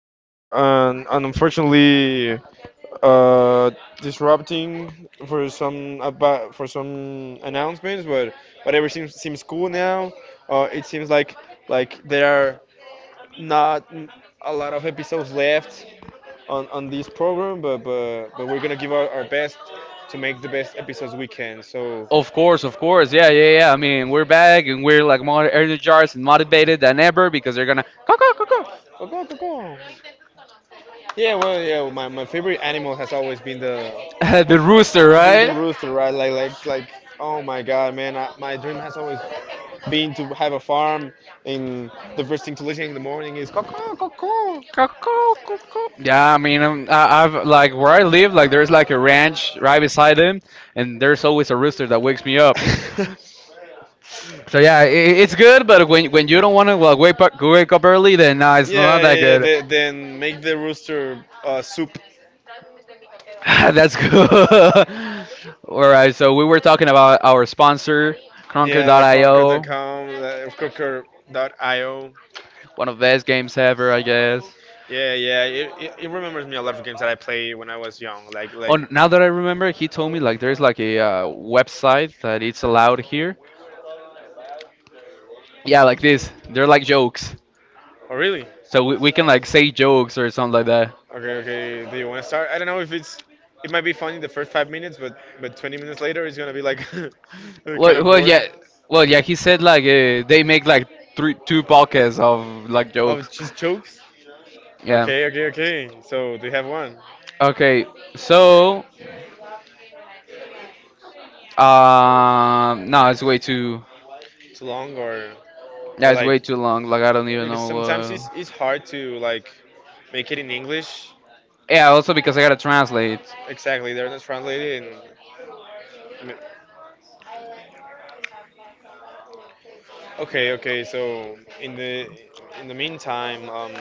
was an unfortunately uh, disrupting for some announcements, but everything seems cool now. It seems like there are not m- a lot of episodes left on this program, but we're gonna give our best to make the best episodes we can. So. Of course, of course. Yeah, yeah, yeah. I mean, we're back and we're like more energized and motivated than ever because they're gonna caw, caw, caw, Go, go, go. Yeah, well, yeah. My favorite animal has always been the the, caw. the rooster, right? the rooster, right? Oh my God, man! My dream has always been to have a farm, and the first thing to listen in the morning is coco, coco. Caw, caw, caw, caw. Yeah, I mean, I've like where I live, like there's like a ranch right beside him, and there's always a rooster that wakes me up. yeah, So yeah, it's good, but when you don't want to like wake up early, then nah, it's not yeah, that yeah. good. Then make the rooster soup. That's good. All right, so we were talking about our sponsor, Yeah, Conquer.io, Cronker.com, Cronker.io. one of the best games ever, I guess. Yeah, yeah. It remembers me a lot of games that I played when I was young. Oh, now that I remember, he told me like there's like a website that it's allowed here. Yeah, like this. They're like jokes, Oh, really? so we can like say jokes or something like that. Okay, okay. Do you want to start? I don't know if it's. It might be funny the first 5 minutes, but 20 minutes later it's gonna be like Well, kind of well, yeah, boring. well, yeah. He said like they make like three, two pockets of like jokes. Of just jokes? Yeah. Okay, okay, okay. So do you have one? Okay, so no, it's way too. Too long Yeah, or it's like way too long. Like I don't even know because sometimes it's what. it's hard to like make it in English. Yeah, also because I gotta translate. Exactly, they're not translated and okay, okay. So in the meantime,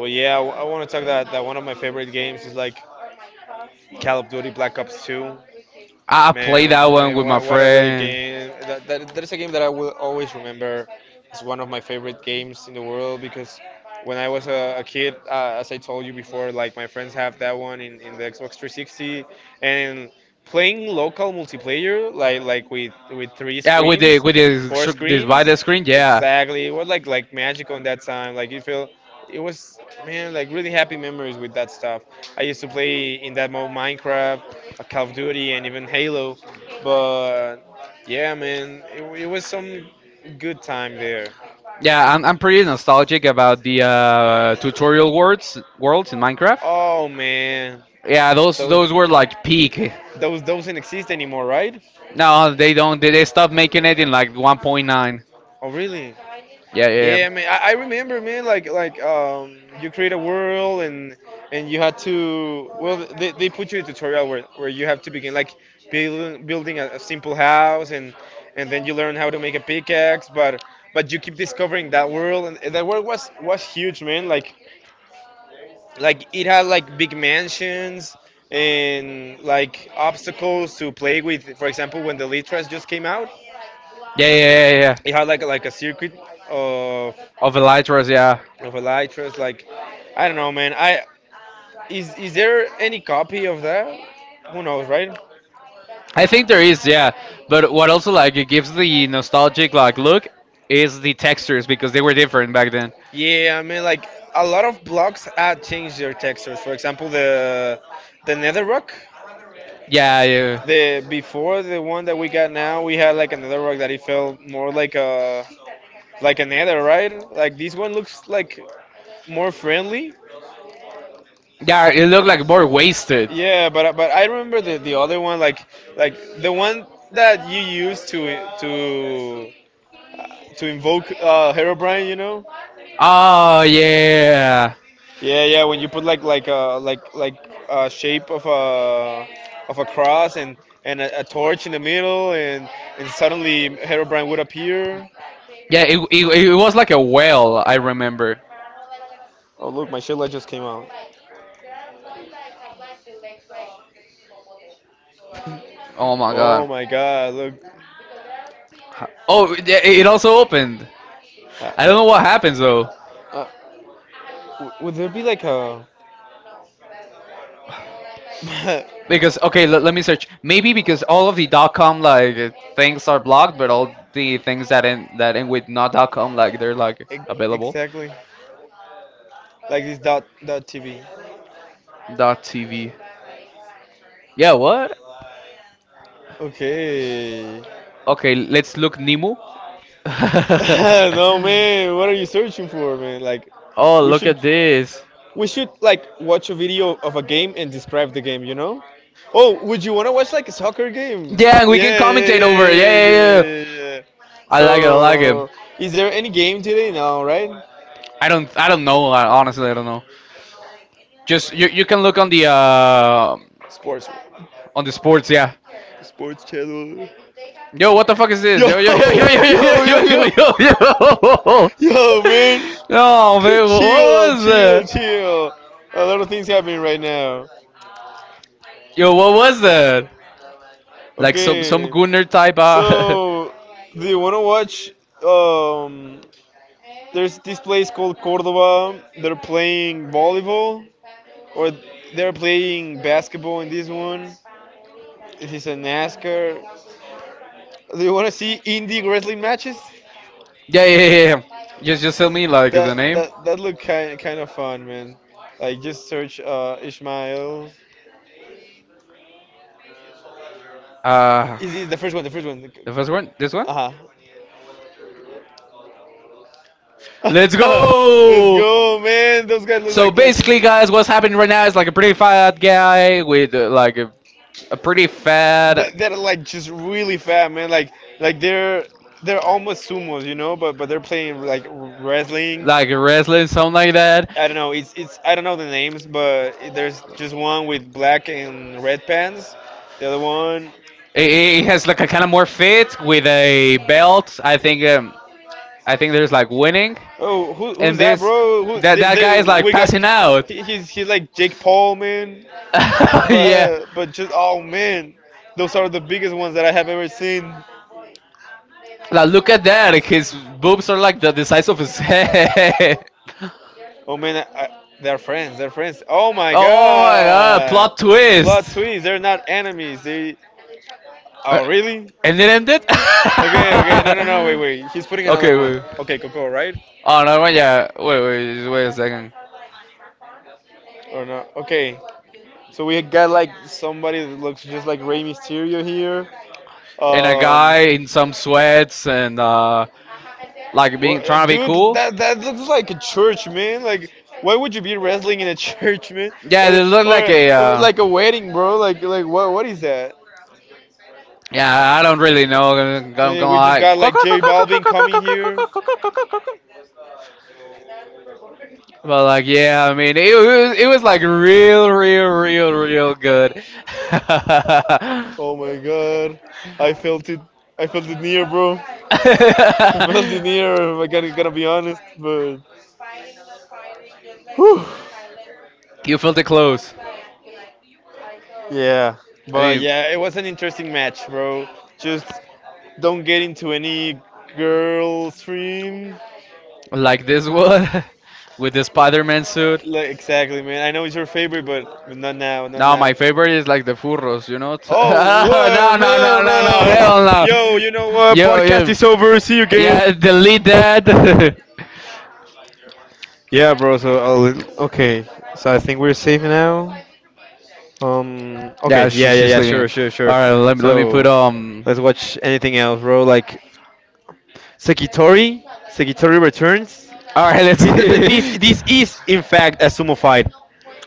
well, yeah, I, want to talk that one of my favorite games is like Call of Duty Black Ops 2. I played Man, that one with man, my what a really friend. game! That is a game that I will always remember. It's one of my favorite games in the world because when I was a kid, as I told you before, like my friends have that one in the Xbox 360, and playing local multiplayer like with three Yeah, with the screens with the four sc- this by the screens screen. Yeah, exactly. It was like magical in that time. Like you feel it was, man, like really happy memories with that stuff. I used to play in that mode Minecraft, Call of Duty and even Halo, but yeah, man, it was some good time there. yeah, I'm pretty nostalgic about the tutorial worlds in Minecraft. Oh man, Yeah, those those those were like peak. Those don't exist anymore, right? No, they don't. They stopped making it in like 1.9. Oh really? Yeah, yeah. Yeah, man. I remember, man. You create a world and you had to. Well, they put you a tutorial where you have to begin like building a simple house and then you learn how to make a pickaxe. But you keep discovering that world and, that world was huge, man. Like it had like big mansions and like obstacles to play with. For example, when the Elytras just came out, Yeah, yeah, yeah, yeah, it yeah, had like a circuit of yeah. Of Elytras, yeah. Elytras. Like, I don't know, man. I is there any copy of that? Who knows, right? I think there is, yeah. But what also like it gives the nostalgic like look is the textures because they were different back then. Yeah, I mean, like a lot of blogs had changed their textures. For example, the Netherrock. Yeah, yeah. The before the one that we got now, we had like another rock that it felt more like a nether, right? Like this one looks like more friendly. Yeah, it looked like more wasted. Yeah, but I remember the other one, like the one that you used to invoke Herobrine, you know? Oh yeah. Yeah, yeah. When you put like a shape of a cross and a torch in the middle, and suddenly Herobrine would appear. Yeah, it was like a whale, I remember. Oh look, my shit light just came out. Oh my Oh god. my god, look. Oh, yeah, it also opened. Uh, I don't know what happens though. uh, would there be like a Because okay, let me search. Maybe because all of the .com like things are blocked, but all the things that end with not .com like they're like Ex- available. exactly. Like this dot dot TV. Dot TV. Yeah, what? Okay. Okay, let's look Nemo. No man, what are you searching for, man? Like oh, we look should at this. we should like watch a video of a game and describe the game, you know? Oh, would you wanna watch like a soccer game? Yeah, Yeah, and we can yeah, probably, commentate yeah, over it. Yeah, yeah, yeah, yeah, yeah. yeah, yeah, like I like it. I like it. so, is there any game today? No, right? I don't. I don't know. Honestly, I don't know. Just you can look on the Sports. Sports, yeah. Sports Channel. Yo, what the fuck is Yo, this? Yo, yo, yo, yo, yo, yo, yo, yo, yo, yo, yo, yo, yo, man. yo. No, man, what Chill, was chill, that? chill. A lot of things happening right now. Yo, what was that? Like some Okay, Gunner type. So do you wanna watch? Um, there's this place called Cordoba. They're playing volleyball, or they're playing basketball in this one. This is a NASCAR. Do you wanna see indie wrestling matches? yeah, yeah, yeah, yeah. Just tell me like the That name. that that looked kind of fun, man. Like just search Ishmael. Uh, Easy, the first one. the first one. This one. Uh huh. Let's Let's let's go. go, man. Those guys look So like basically, guys, what's happening right now is like a pretty fat guy with like a pretty that, fat, that are like just really fat, man. Like they're almost sumos, you know, but they're playing like wrestling. like a wrestling, something like that. I don't know. It's I don't know the names, but it- there's just one with black and red pants. The other one, He has like a kind of more fit with a belt. I think there's like winning, oh, who who's and that, there's bro? Who, that there, that guy there, is like we got? passing out. He's like Jake Paul, man. yeah. But just, oh man, those are the biggest ones that I have ever seen. Like look at that. His boobs are like the size of his head. Oh man, I, they're friends. They're friends. Oh my Oh my god, plot god. twist! Plot twist. They're not enemies. They. Uh, Oh really? and it ended? Okay, okay. No, no, no. Wait, wait. He's putting another okay, one. wait. Okay, Coco, right? Oh, another one? Yeah, wait, wait, just wait a second. Or not? Okay. So we got like somebody that looks just like Rey Mysterio here. And a Um, guy in some sweats and, like being trying to be Dude, cool? that that looks like a church, man. Like, why would you be wrestling in a church, man? Yeah, Or they the- look like a. or like a wedding, bro. Like what is that? yeah, I don't really know. I'm gonna Yeah, we just lie. got like J Balvin coming here. But like, yeah, I mean, it was like real, real, real, real good. Oh my god. I felt it. I felt it near, bro. I felt it near. I gotta, gotta be honest, but. Whew. you felt it close. Yeah, I but mean. yeah, it was an interesting match, bro. Just don't get into any girl stream. Like this one with the Spider-Man suit. Like, exactly, man. I know it's your favorite, but not now, not No, now. my favorite is like the furros, you know? Oh, no, what, no, no, man, no, no, man. hell no. Yo, you know what? Yo, Podcast yo. is over. See you again. Yeah, delete that. Yeah, bro. So, I'll, okay. So I think we're safe now. Okay. yeah, she, Yeah. Yeah. she's Yeah. leaving. Sure. Sure. All Sure. right, let me put So let's watch anything else, bro. Like Sekitori. Sekitori returns. All right, let's Is that that this? see. This is in fact a sumo fight.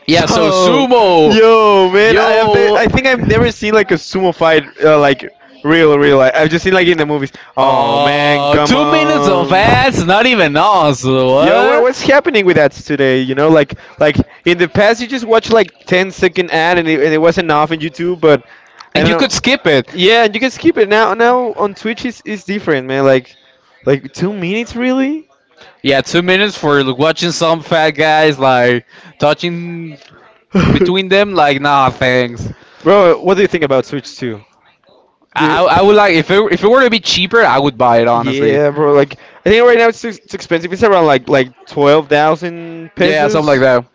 Yeah, so So, sumo. yo, man, I have the, Yo. I think I've never seen like a sumo fight, like real, real. Like, I've just seen like in the movies. Oh man, Oh, come 2 minutes of on. ads, not even us. Yo, what, What? what's happening with that today? You know, like in the past, you just watch like 10 second ad and and it wasn't off on YouTube, but I And don't you could know. skip it. Yeah, and you can skip it now. Now on Twitch is different, man. Like 2 minutes really? Yeah, 2 minutes for watching some fat guys like touching between them. Like, nah, thanks. Bro, what do you think about Switch 2? Do you- I would like if it were to be cheaper, I would buy it honestly. Yeah, bro. Like I think right now it's expensive. It's around like 12,000 Yeah, something like pesos, that.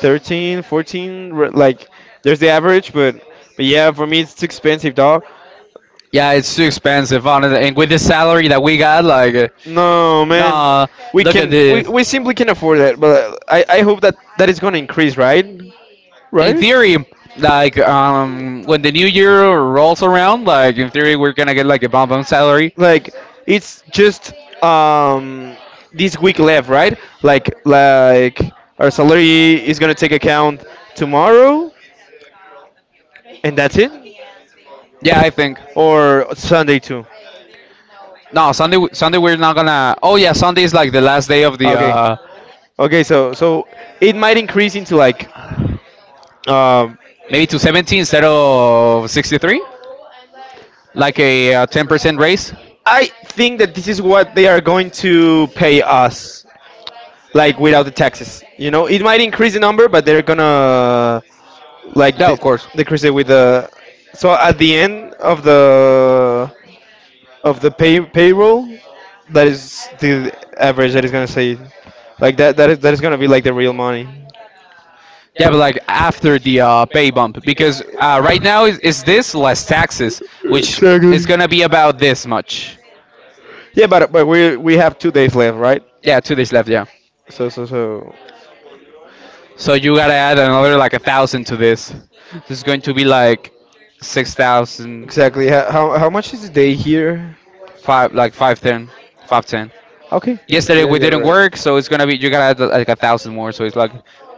13, 14. R- Like there's the average, but yeah, for me it's too expensive, dog. Yeah, it's too expensive, honestly. And with the salary that we got, like, No, man. nah. Look at this. We simply can't afford that. But I hope that that is gonna increase, right? In theory, like Right? When the new year rolls around, like in theory, we're gonna get like a bump on salary. Like it's just um this week left, right? Like our salary is gonna take account tomorrow, and that's it, Yeah, I think. or Sunday too. No, Sunday. Sunday we're not gonna. Oh yeah, Sunday is like the last day of the. Okay, uh okay, so so it might increase into like um Maybe to 70 instead of 63, like a 10% raise. I think that this is what they are going to pay us, like without the taxes. You know, it might increase the number, but they're gonna like No, of course. decrease it with the. So at the end of the pay payroll, that is the average that is gonna say, like that is that is gonna be like the real money. Yeah, but like after the pay bump, because right now is this less taxes, which Exactly. is gonna be about this much. Yeah, but we have 2 days left, right? Yeah, 2 days left. Yeah, So, so, so. so you gotta add another like a thousand to this. This is going to be like 6,000, Exactly. How much is the day here? five like 510, 510. Okay. Yesterday Yeah, we you're didn't right. work, so it's gonna be you gotta add like a thousand more, so it's like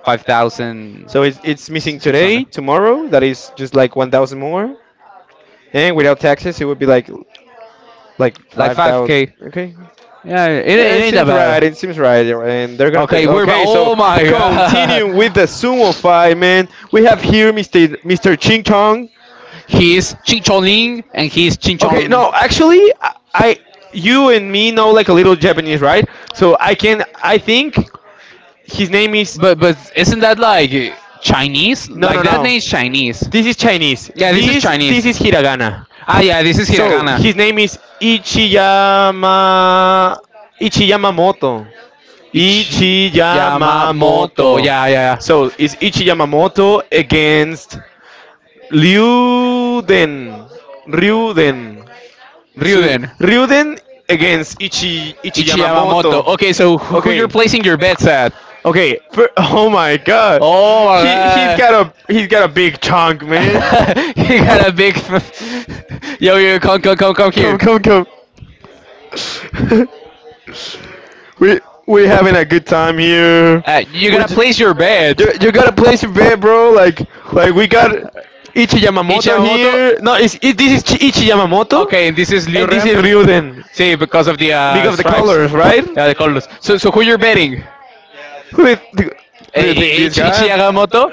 five thousand So it's missing six hundred, today, tomorrow. That is just like 1,000 more, and without taxes, it would be like like five five thousand. k. Okay. Yeah, it, ain't- Yeah, it it ain't that seems right. bad. It seems right, you're right, and they're gonna pay. Okay, we're back. Okay, so Oh my continue with god. the sumo fight, man. We have here Mr. Ching Chong. He's Chinchoning and he's Okay, Chinchon. no, actually, I, you and me know like a little Japanese, right? So I can, I think his name is. But isn't that like Chinese? No, no, Like that no. name's Chinese. This is Chinese. Yeah, this is This Chinese. is hiragana. Ah, yeah, this is So hiragana. his name is Ichiyamamoto. Ichi Yamamoto. Ichiyamamoto. Yeah, yeah, So it's yeah. Ichiyamamoto against Ryuden. Ryuden. So Ryuden, against Ichiyamamoto. Ichiyamamoto. Okay, so who you're Okay. placing your bets at? Okay. Oh my God. Oh He he's my got god. a he's got a big chunk, man. God. you got a big. Yo, yo, come, come, come, come come. here. Come. we having a good time here. You We gotta j- place your bet. bed. You gotta place your bet, bro. Who- Like we got Ichi Yamamoto Ichiyamamoto. here. No, it's it, this is Ichi Yamamoto, Okay, this is Liu and this Rem. Ryuden. Is See, Ryuden because of the because of the stripes, colors, right? yeah, the colors. So, who you're betting? Who do do Hey, you think this guy? Ichiyagamoto?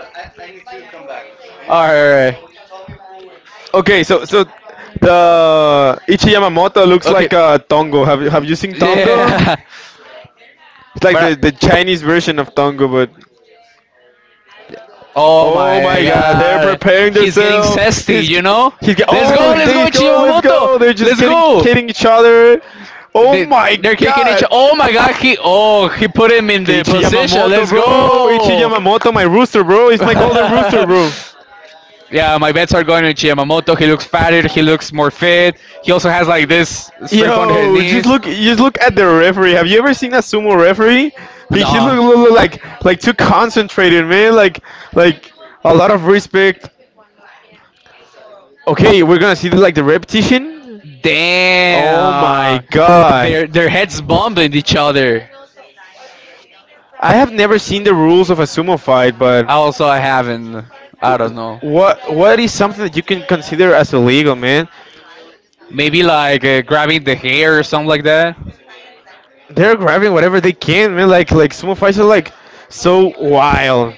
Alright. Okay, so so the Ichi Yamamoto looks Okay. like Tongo. Have you seen Tongo? Yeah. It's like But the Chinese version of Tongo, but oh oh my my God, they're god. preparing He's getting themselves. zesty, you know? Oh Let's go, they go, let's Ichiyamoto! go. They're just Let's getting go! kidding each other. Oh They, my they're kicking each. God. Oh my god, he put him in the Ichi position. Yamamoto, Let's bro. Ichi go! Yamamoto, my rooster, bro. He's my golden rooster, bro. Yeah, my bets are going to Chiamamoto. He looks fatter. He looks more fit. He also has like this strip on her Yo, knees. Just look at the referee. Have you ever seen a sumo referee? He No, look, look like too concentrated, man. Like a lot of respect. Okay, we're gonna see the, like, the repetition. Oh damn. My damn. god. Their heads bumping each other. I have never seen the rules of a sumo fight, but Also, I haven't. I I don't know. what is something that you can consider as illegal, man? Maybe like grabbing the hair or something like that. They're grabbing whatever they can, man. Like sumo fights are like so wild.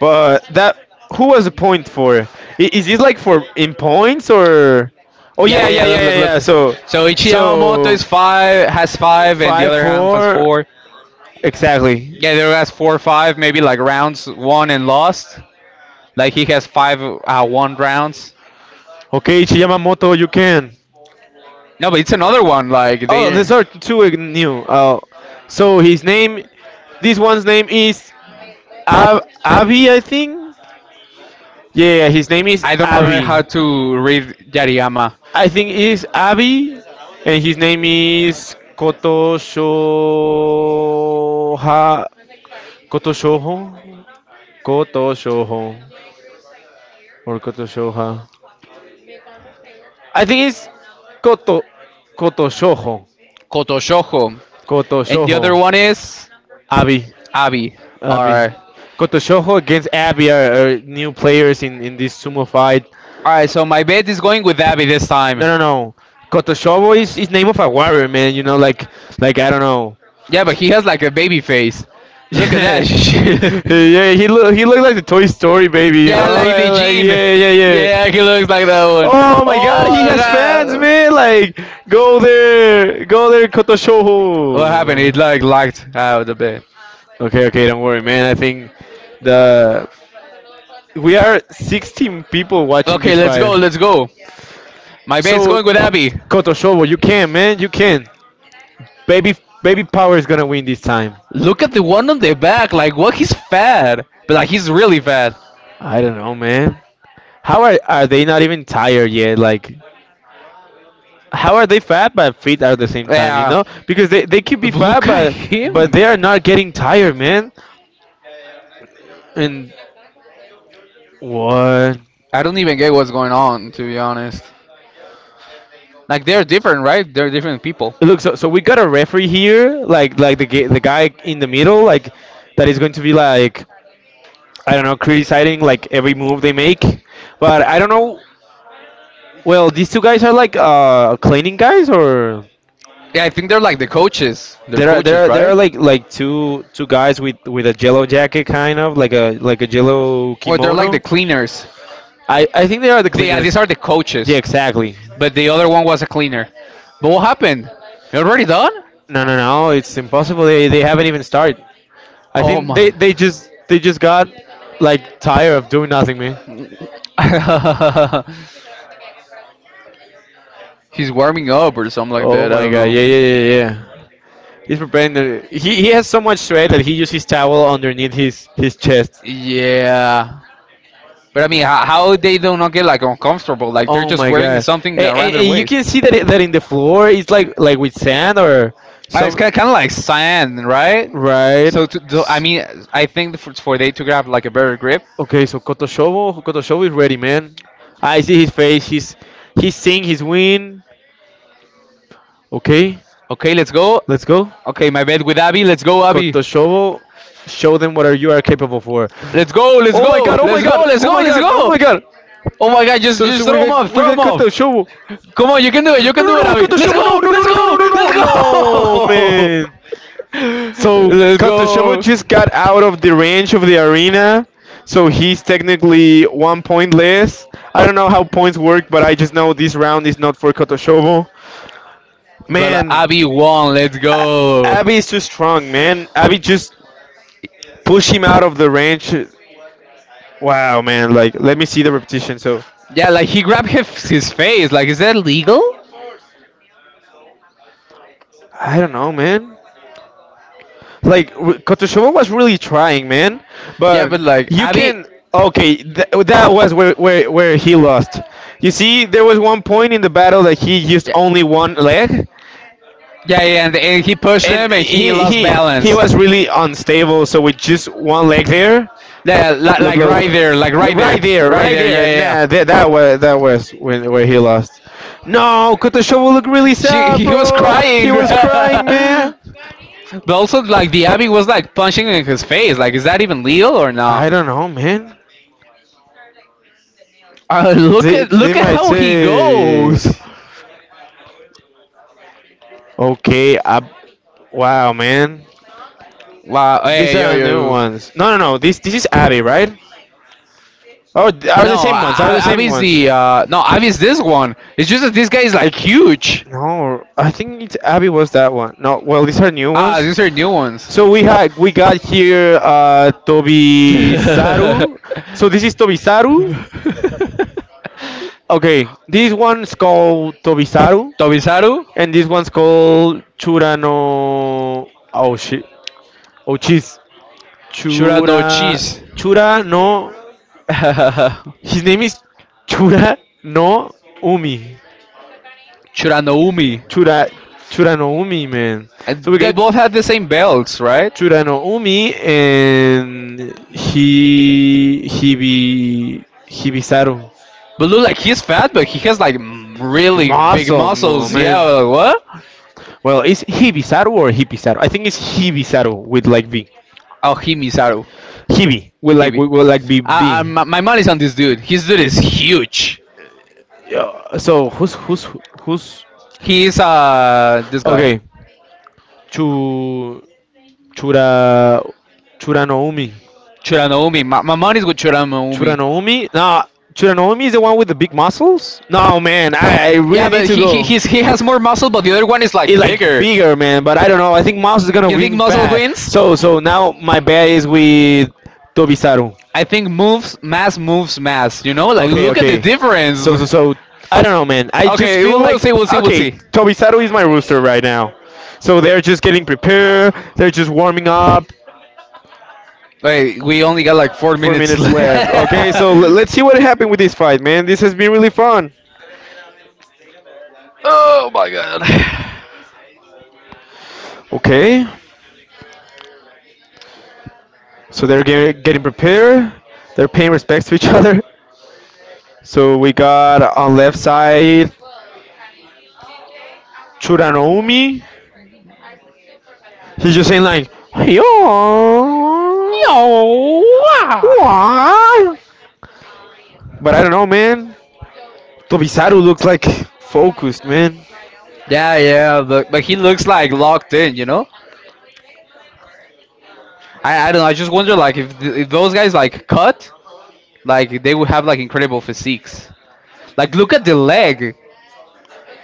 But that, who was the point for? Is this like for in points or? Oh Yeah, yeah, yeah, yeah, yeah. yeah, Look, yeah, look, yeah. look. So, So Ichi Yamamoto so is five, has five, and the five, other half has four, four. exactly. Yeah, there was four or five, maybe like rounds won and lost. Like he has five won rounds. Okay, Yamamoto, you can. No, but it's another one. Like Oh, they. there's are two new. Oh, so his name, this one's name is Abby, I think. Yeah, yeah, his name is I don't remember Abby. how to read Yariyama. Yariyama. I think it's Abby, and his name is Kotoshoha. Kotoshoho? Kotoshoho. Or Kotoshoha. I think it's Koto. Kotoshoho. And Kotoshoho. the other And the other Kotoshoho one one is is Abby. Abby. Abby. Alright. Koto Shoho against Abby are, new players in this sumo fight. Alright, No, so my bet is going with Abby this time. no, no. Koto Shoho is, name of a warrior, man. You know, like I don't know. Yeah, but he has like a baby face. Look at Yeah, that shit. yeah, he look, he looked like the Toy Story baby, you Yeah, know, like the like gene. yeah, yeah, yeah. Yeah, he looks like that one. Oh my God, Oh he my has fans, god. man! Like, go there, go there, Koto What happened? It Shoho. like lagged out a bit. Okay, okay, don't worry, man. I think the we are 16 people watching Okay, this let's go, fight. let's go. My bane's So, going with Abby. Kotoshobo, you can, man, you can. Baby, baby power is gonna win this time. Look at the one on the back. Like, what? He's fat. But, like, he's really fat. I don't know, man. How are they not even tired yet? Like, how are they fat but fit at the same time? You Yeah, know, because they could be fat look at but him. they are not getting tired, man. And what? I don't even get what's going on, to be honest. Like they're different, right? They're different people. Look, so we got a referee here, like the the guy in the middle, like that is going to be like, I don't know, criticizing like every move they make. But I don't know. Well, these two guys are like cleaning guys, or Yeah, I think they're like the coaches. They're there are there coaches, are there right? are like two guys with a yellow jacket, kind of like a yellow, oh, like Or they're like the kimono, cleaners. cleaners. I think they are the, Yeah, yeah, yeah, these are the cleaners. Yeah, coaches. exactly. But the other one was a cleaner. But what happened? You're already done? No, no, no. It's impossible. They haven't even started. I Oh, Oh think my. they just, they just got like tired of doing nothing, man. He's warming up or something Like like oh that. I my don't god. know. Yeah, yeah, yeah, yeah. He's preparing the. He has so much sweat that he uses his towel underneath his chest. Yeah, but I mean, how they do not get like uncomfortable? Like they're Oh just my wearing god! something And, around and, their and you waist. can see that that in the floor it's like with sand or It's kind kind of, of kind of like some, sand, right? right. So, S- I mean, I think for they to grab like a better grip. Okay, so Kotoshovo, Kotoshovo is ready, man. I see his face. He's seeing his win. Okay, Okay, let's go. let's go. Okay, my bet with Abby. Let's go, Abby. Kotoshovo, show them what are you are capable for. Let's go, let's Oh my go, go, god, oh my my let's go, god, let's oh go, my let's god, oh go. my god. Oh my god, just So just so throw we him got up, we throw got him him, up. Kotoshovo. No Come no on, you can do it, you can do it, no, Abby. Let's Kotoshovo, go, no no no, throw, no no let's go, off, no no no, let's no go. man. So let's Kotoshovo go. go. Just got out of the range of the arena. So he's technically 1 point less. I don't know how points work, but I just know this round is not for Kotoshovo. But Man, Abby won, let's go. Abby is too strong, man. Abby just push him out of the range. Wow, man. Like, let me see the repetition. So, Yeah, like he grabbed his face. Like, is that legal? I don't know, man. Like, Kotoshova was really trying, man. Yeah, But but like you Abby. can. Okay, that was where, where he lost. You see, there was one point in the battle that he used only one leg. Yeah, yeah, and he pushed him and he lost He balance. was really unstable. So with just one leg there, Yeah, look, look, like look right there, right, right there. Yeah, right, yeah, nah, yeah. that was that was when where he lost. No, Kotoshovo looked really She sad, he was bro. He crying. was crying, man. But also, like the Abby was like punching in his face. Like, is that even legal or not? I don't know, man. Look They at they look at might how he say, goes. okay, I, wow, man. Wow. These Hey, yo, are new yo. ones. No, no, no. This is Abby, right? Oh, are the, no, No, same ones? Are the same Abby's ones? the no Abby's this one. It's just that this guy is Like, like huge. no, I think it's Abby was that one. No, well these are new, ah, Ah, ones, these are ones. new ones. So we got here Tobisaru. So this is Tobisaru. Okay, this one's called Tobisaru Tobisaru, and this one's called Churano. Oh shit. Oh cheese. Shurano Churano, Chura cheese. Cheese, Chura no, his name is Chura no Umi. Churano. Chura, Churanoumi, man. So we They they got both had the same belts, right? Churanoumi and he, Hibi, Hibisaru. But look, like he's fat, but he has like really big Muscle, no, muscles. man. Yeah, like, what? Well, it's Hibisaru or Hibisaru. I think it's Hibisaru with like V. Oh, Himizaru. Hibi Hibi. With like B B. my money's on this dude. His dude is huge. Yeah, so who's who's, He's this guy, okay? Chu, Chura, Churanoumi. Churanoumi. My money's with Churanoumi. Churanoumi? Nah, Churanoumi is the one with the big muscles? No, man, I yeah, Yeah, really need but to go. He has more muscle, but the other one is It's like like bigger. bigger, man, but I don't know. I think Mouse is gonna You think win gonna muscle bad. wins? So, so now my bet is with Tobisaru. I think moves mass moves mass. You know, like Okay, look at the okay. difference. So I don't know, man. I just Okay, feel we'll like see, we'll see, we'll okay, see. Tobisaru is my rooster right now. So they're just getting prepared. They're just warming up. Wait, we only got like four Four minutes minutes left. left. Okay, so let's see what happened with this fight, man. This has been really fun. Oh my god. Okay, so they're getting prepared. They're paying respects to each other. So we got on left side Churanomi. He's just saying like, yo, Yo! Ah. what? But I don't know, man. Tobisaru looks like focused, man. Yeah, yeah, but he looks like locked in, you know? I don't know, I just wonder like if, if those guys like cut, like they would have like incredible physiques. Like look at the leg.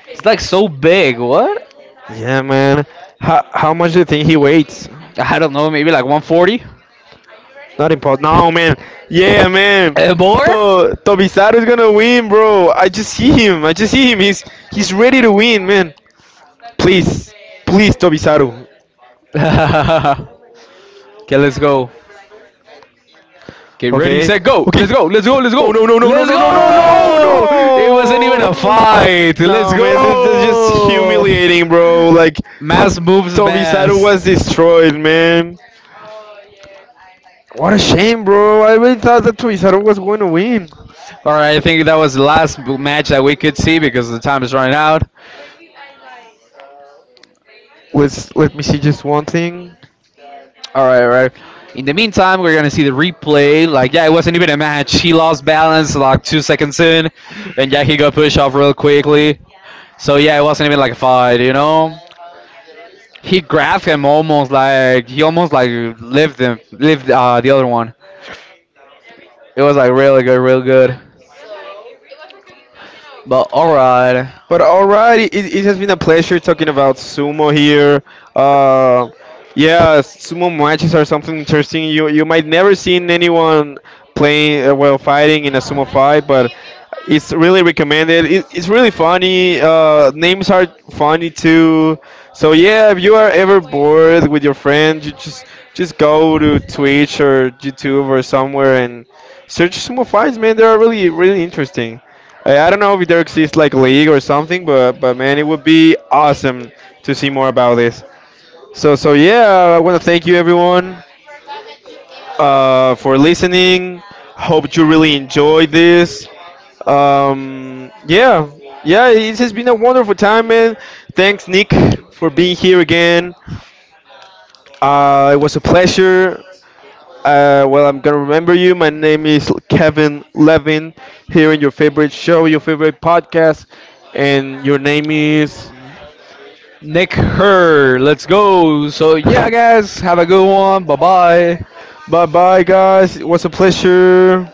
It's like so big. What? Yeah, man. How much do you think he weighs? I don't know, maybe like 140? Not impossible. No, man. Yeah, man. Eh, more? To Tobizaru is gonna win, bro. I just see him. I just see him. He's ready to win, man. Please, please, Tobizaru. okay, let's go. Get ready, Okay. set, go! Let's Okay. go! Let's go! Let's Oh go! no no no no Let's no no no no go! It wasn't even a no. fight. Let's No, man. This is just, no, go! humiliating, bro. Like Mass moves Tobizaru mass. was destroyed, man. What a shame, bro. I really thought that Tobizaru was going to win. All right, I think that was the last match that we could see because the time is running out. Let's let me see just one thing. All right, all right. In the meantime, we're gonna see the replay. Like, yeah, it wasn't even a match. He lost balance like 2 seconds in, and yeah, he got pushed off real quickly. So yeah, it wasn't even like a fight, you know. He grabbed him almost like he almost like lived him lived the other one. It was like really good, really good. But alright. But alrighty, it has been a pleasure talking about sumo here. Uh, yeah, sumo matches are something interesting. You might never seen anyone playing well, fighting in a sumo fight, but it's really recommended. It's really funny. Names are funny too. So yeah, if you are ever bored with your friends, you just go to Twitch or YouTube or somewhere and search sumo fights. Man, they are really really interesting. Hey, I don't know if there exists like league or something, but man, it would be awesome to see more about this. So yeah, I want to thank you everyone for listening. Hope you really enjoyed this. Yeah, yeah, it has been a wonderful time, man. Thanks, Nick, for being here again. It was a pleasure. Well, I'm gonna remember you. My name is Kevin Levin. Here in your favorite show, your favorite podcast, and your name is. Nick Her, let's go. So yeah guys, have a good one. Bye bye. Bye bye, guys. It was a pleasure.